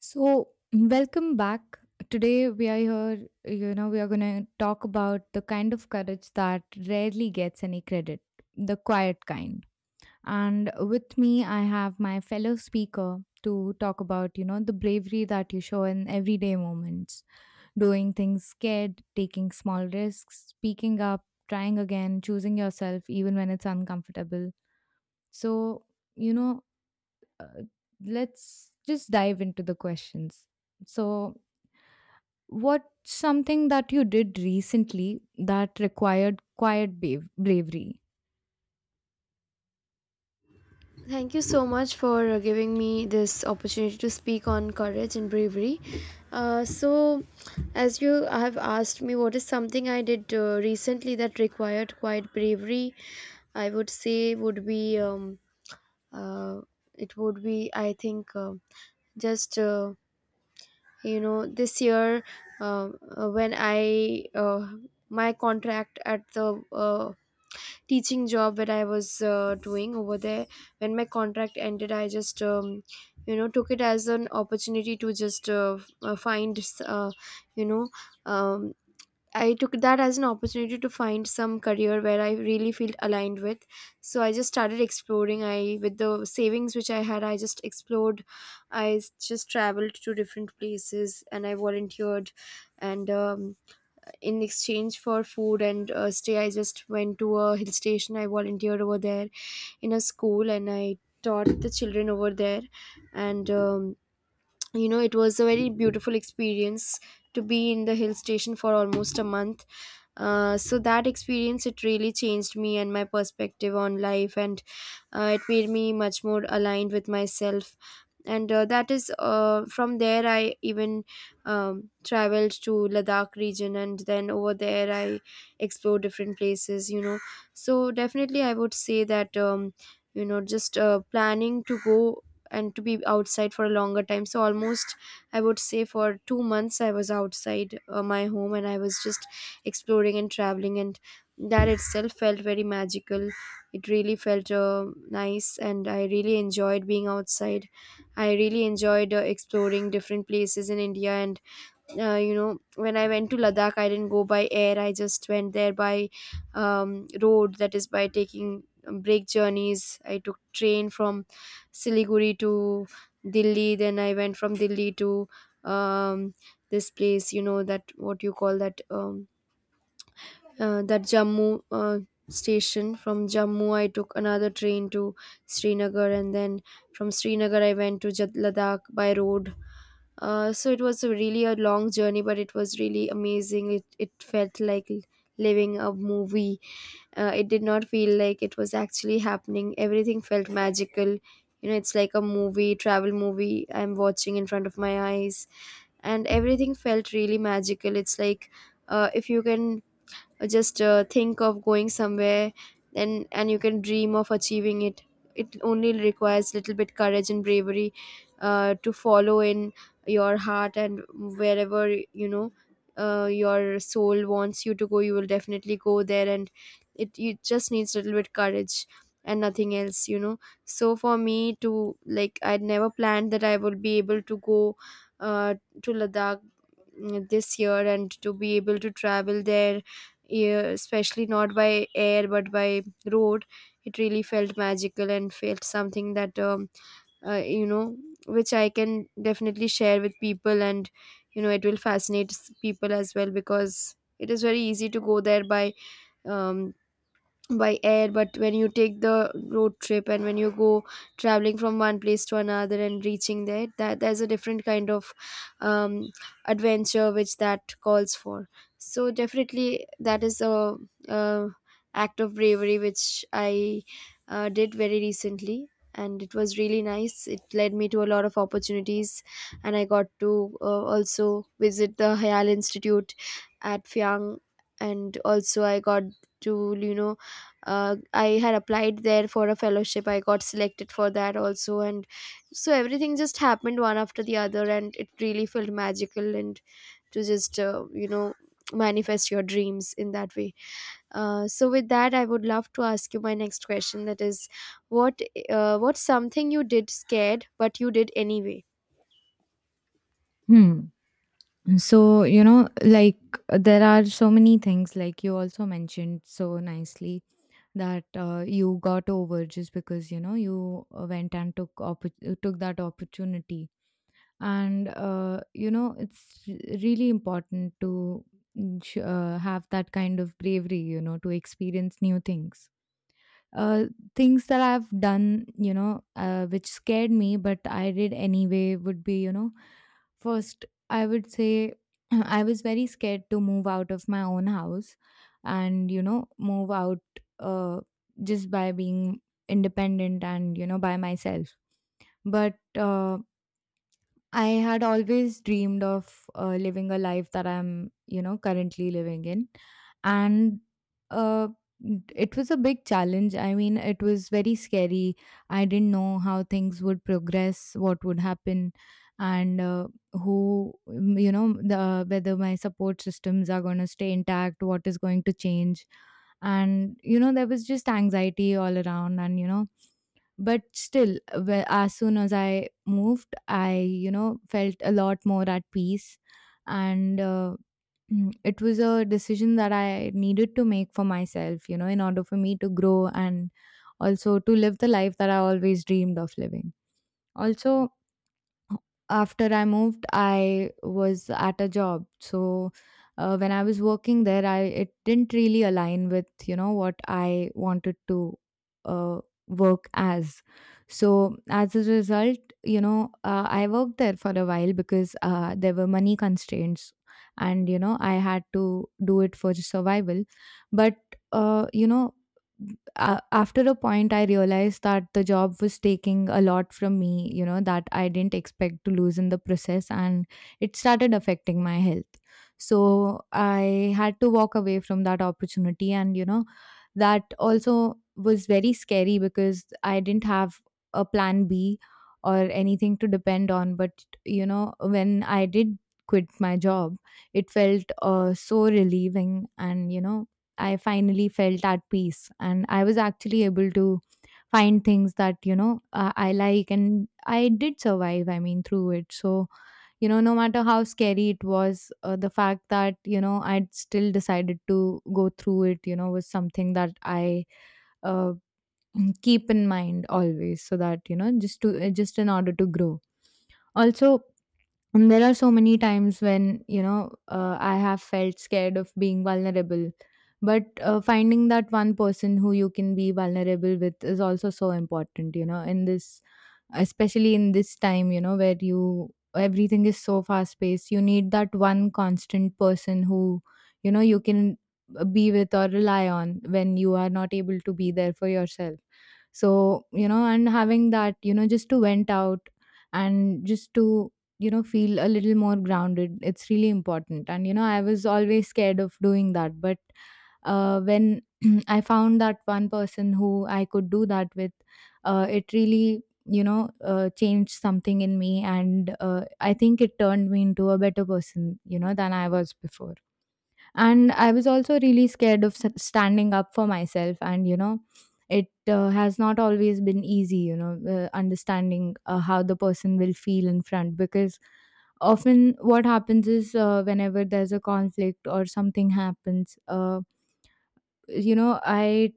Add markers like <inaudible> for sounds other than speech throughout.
So, welcome back. Today we are here, we are going to talk about the kind of courage that rarely gets any credit, the quiet kind. And with me, I have my fellow speaker to talk about, the bravery that you show in everyday moments, doing things scared, taking small risks, speaking up, trying again, choosing yourself even when it's uncomfortable. So, you know, uh, let's just dive into the questions. So, what something that you did recently that required quiet bravery? Thank you so much for giving me this opportunity to speak on courage and bravery. Uh, so, as you have asked me, what is something I did recently that required quite bravery? I would say would be uh, it would be I think just you know this year when I my contract at the uh, teaching job that I was doing over there. When my contract ended, I just you know took it as an opportunity to just find you know um, I took that as an opportunity to find some career where I really feel aligned with. So I just started exploring. I With the savings which I had, I just explored. Just traveled to different places and I volunteered and in exchange for food and stay, I just went to a hill station. I volunteered over there in a school and I taught the children over there. And you know it was a very beautiful experience to be in the hill station for almost a month. So that experience it really changed me and my perspective on life, and it made me much more aligned with myself. And that is from there I even traveled to Ladakh region, and then over there I explored different places, you know. So definitely I would say that, you know, just planning to go and to be outside for a longer time, so almost I would say for 2 months I was outside my home, and I was just exploring and traveling, and that itself felt very magical. It really felt nice, and I really enjoyed being outside. I really enjoyed exploring different places in India. And you know, when I went to Ladakh, I didn't go by air. I just went there by road, that is by taking break journeys. I took train from Siliguri to Delhi, then I went from Delhi to um, this place, you know, that what you call that, that Jammu station. From Jammu I took another train to Srinagar, and then from Srinagar I went to Ladakh by road. So it was a really a long journey, but it was really amazing. It felt like living a movie. It did not feel like it was actually happening. Everything felt magical. You know, it's like a movie, travel movie. I'm watching in front of my eyes, and everything felt really magical. It's like, if you can just think of going somewhere, and you can dream of achieving it. It only requires little bit courage and bravery to follow in your heart, and wherever, you know, your soul wants you to go, you will definitely go there. And it, you just needs a little bit courage and nothing else, you know. So for me to, like, I'd never planned that I would be able to go uh, to Ladakh, mm, this year, and to be able to travel there, yeah, especially not by air but by road. It really felt magical and felt something that, uh, you know, which I can definitely share with people. And you know it will fascinate people as well, because it is very easy to go there um, by air, but when you take the road trip and when you go traveling from one place to another and reaching there, that there's a different kind of um, adventure which that calls for. So definitely that is a, uh act of bravery which I did very recently. And it was really nice, it led me to a lot of opportunities. And I got to also visit the Hayal Institute at Fyang. And also I got to, you know, I had applied there for a fellowship, I got selected for that also. And so everything just happened one after the other, and it really felt magical, and to just you know manifest your dreams in that way. So with that, I would love to ask you my next question, that is what, what's something you did scared but you did anyway? Hmm. So, like there are so many things, like you also mentioned so nicely that you got over just because, you went and took took that opportunity. And, it's really important to have that kind of bravery, to experience new things. uh, things that I've done, which scared me, but I did anyway, would be, first, I would say <clears throat> I was very scared to move out of my own house and, move out uh, just by being independent and, by myself. But I had always dreamed of living a life that I'm, currently living in. And uh, it was a big challenge. I mean, it was very scary. I didn't know how things would progress, what would happen, and who, whether my support systems are going to stay intact, what is going to change. And, there was just anxiety all around. And, but still, as soon as I moved, I, felt a lot more at peace. And <clears throat> it was a decision that I needed to make for myself, in order for me to grow and also to live the life that I always dreamed of living. Also, after I moved, I was at a job. So when I was working there, I it didn't really align with what I wanted to uh, work as. So as a result, I worked there for a while because there were money constraints, and I had to do it for survival. But uh, you know a after a point, I realized that the job was taking a lot from me, that I didn't expect to lose in the process, and it started affecting my health. So I had to walk away from that opportunity, and that also was very scary because I didn't have a plan B or anything to depend on. But when I did quit my job, it felt so relieving, and I finally felt at peace, and I was actually able to find things that I like, and I did survive. I mean, through it. So no matter how scary it was, the fact that I'd still decided to go through it, was something that I uh, <clears throat> keep in mind always, so that just in order to grow. Also, and there are so many times when, I have felt scared of being vulnerable. But finding that one person who you can be vulnerable with is also so important, in this, especially in this time, where everything is so fast paced. You need that one constant person who, you can be with or rely on when you are not able to be there for yourself, so and having that, just to vent out and just to feel a little more grounded, it's really important. And I was always scared of doing that, but when <clears throat> I found that one person who I could do that with, it really changed something in me. And I think it turned me into a better person than I was before. And I was also really scared of standing up for myself, and it has not always been easy, understanding how the person will feel in front, because often what happens is, whenever there's a conflict or something happens, I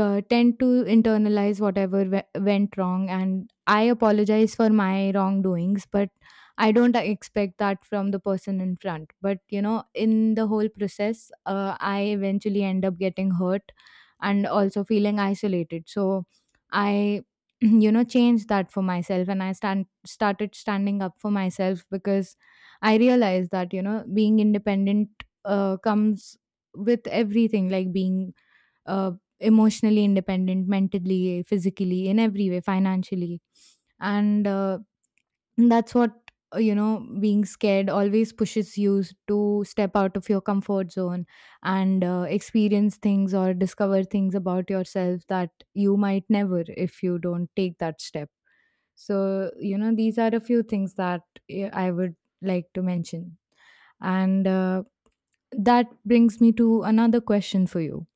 tend to internalize whatever went wrong, and I apologize for my wrongdoings, but I don't expect that from the person in front. But in the whole process, I eventually end up getting hurt and also feeling isolated. So I <clears throat> changed that for myself, and I stand started standing up for myself, because I realized that being independent comes with everything, like being uh, emotionally independent, mentally, physically, in every way, financially. And that's what, being scared always pushes you to step out of your comfort zone and experience things or discover things about yourself that you might never if you don't take that step. So, these are a few things that I would like to mention. And that brings me to another question for you.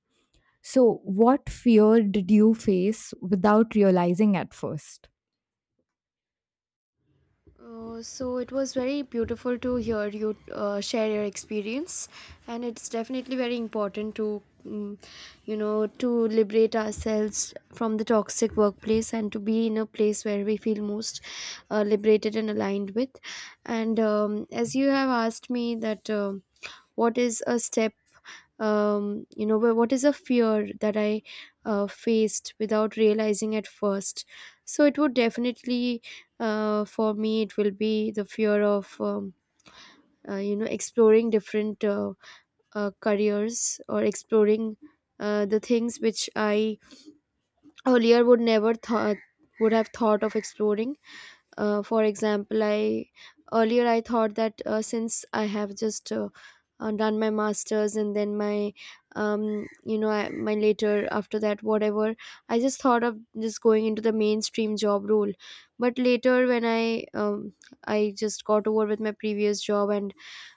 So, what fear did you face without realizing at first? So it was very beautiful to hear you share your experience, and it's definitely very important to, mm, you know, to liberate ourselves from the toxic workplace and to be in a place where we feel most liberated and aligned with. And as you have asked me that, what is a step, you know, what is a fear that I faced without realizing at first. So it would definitely, for me, it will be the fear of you know, exploring different careers, or exploring the things which I earlier would never thought would have thought of exploring. For example, I earlier I thought that since I have just done my masters and then my, you know, I, my later after that whatever, I just thought of just going into the mainstream job role. But later when I, I just got over with my previous job and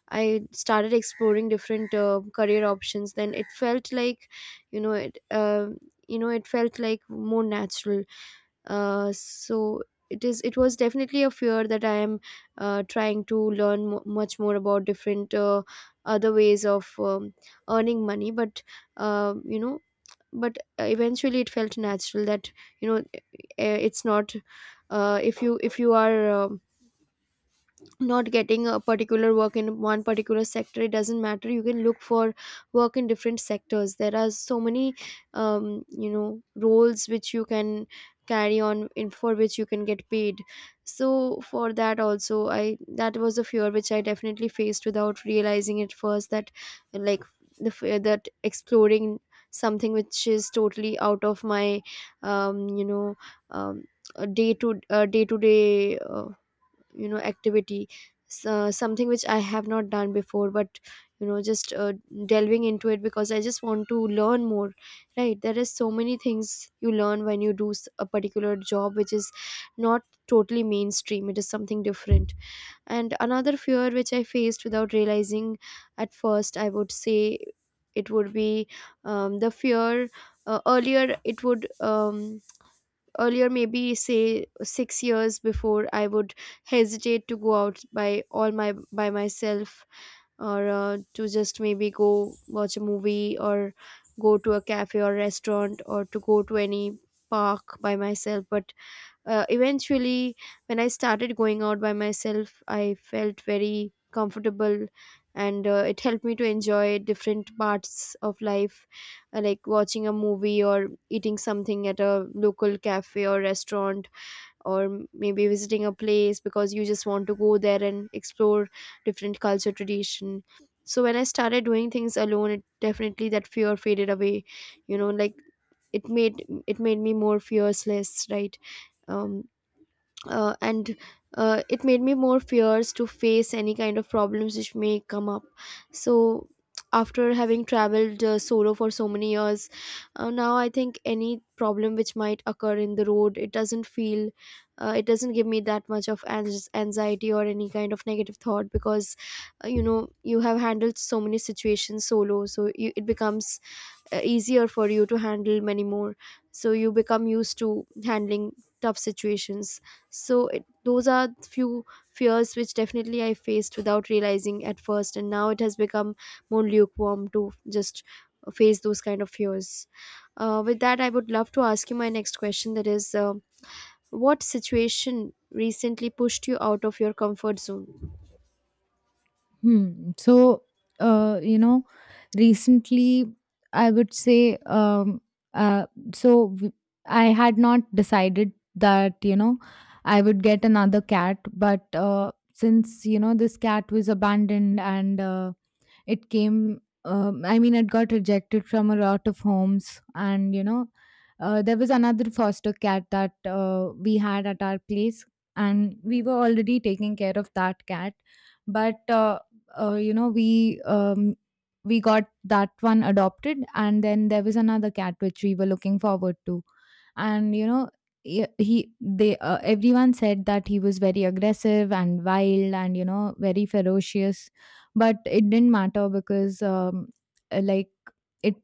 I started exploring different career options. Then it felt like, you know, it, you know, it felt like more natural. So it is. It was definitely a fear that I am trying to learn much more about different other ways of earning money. But you know, but eventually it felt natural that, you know, it's not. If you, if you are not getting a particular work in one particular sector, it doesn't matter, you can look for work in different sectors. There are so many, you know, roles which you can carry on in, for which you can get paid. So for that also I, that was a fear which I definitely faced without realizing it first, that, like, the fear that exploring something which is totally out of my, you know, um, day to day, you know, activity. So, something which I have not done before, but, you know, just delving into it because I just want to learn more, right? There is so many things you learn when you do a particular job which is not totally mainstream, it is something different. And another fear which I faced without realizing at first, I would say, it would be, the fear, earlier it would, earlier maybe say 6 years before, I would hesitate to go out by all my, by myself, or to just maybe go watch a movie or go to a cafe or restaurant, or to go to any park by myself. But eventually when I started going out by myself, I felt very comfortable. And it helped me to enjoy different parts of life, like watching a movie or eating something at a local cafe or restaurant, or maybe visiting a place because you just want to go there and explore different culture, tradition. So when I started doing things alone, it definitely, that fear faded away. You know, like, it made me more fearless, right? um and it made me more fierce to face any kind of problems which may come up. So after having traveled solo for so many years, now I think any problem which might occur in the road, it doesn't feel, it doesn't give me that much of anxiety or any kind of negative thought, because you know, you have handled so many situations solo, so you, it becomes easier for you to handle many more. So you become used to handling tough situations. So it, those are few fears which definitely I faced without realizing at first, and now it has become more lukewarm to just face those kind of fears. With that, I would love to ask you my next question, that is, what situation recently pushed you out of your comfort zone? Hmm. So, uh, you know, recently, I would say uh so w- I had not decided that I would get another cat, but since this cat was abandoned, and it came, I mean, it got rejected from a lot of homes, and, there was another foster cat that we had at our place, and we were already taking care of that cat, but uh, you know, we um, we got that one adopted, and then there was another cat which we were looking forward to, and y- he they everyone said that he was very aggressive and wild, and very ferocious. But it didn't matter, because like, it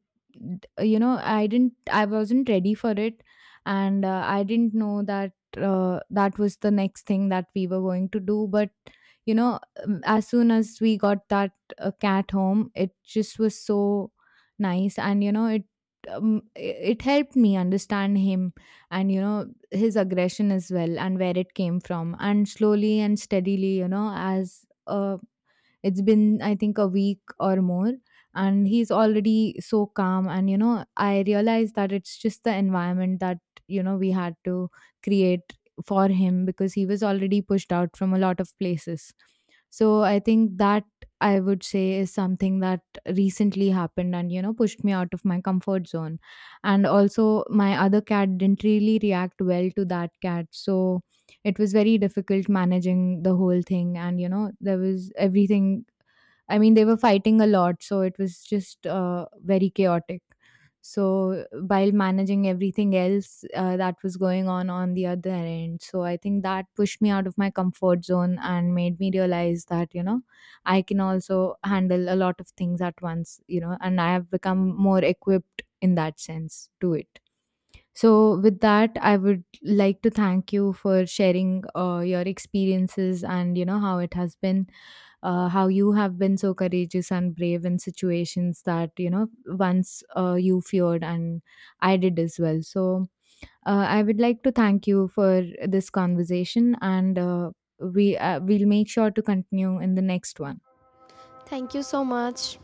you know I didn't I wasn't ready for it, and I didn't know that that was the next thing that we were going to do. But you know as soon as we got that cat home, it just was so nice, and it helped me understand him, and his aggression as well, and where it came from. And slowly and steadily, as a it's been, I think, a week or more, and he's already so calm. And, I realized that it's just the environment that, we had to create for him, because he was already pushed out from a lot of places. So I think that, I would say, is something that recently happened and, pushed me out of my comfort zone. And also, my other cat didn't really react well to that cat. So, it was very difficult managing the whole thing, and there was everything. I mean, they were fighting a lot, so it was just very chaotic. So while managing everything else that was going on the other end, so I think that pushed me out of my comfort zone and made me realize that I can also handle a lot of things at once, and I have become more equipped in that sense to it. So, with that, I would like to thank you for sharing your experiences and how it has been, how you have been so courageous and brave in situations that once you feared, and I did as well. So, I would like to thank you for this conversation, and we'll make sure to continue in the next one. Thank you so much.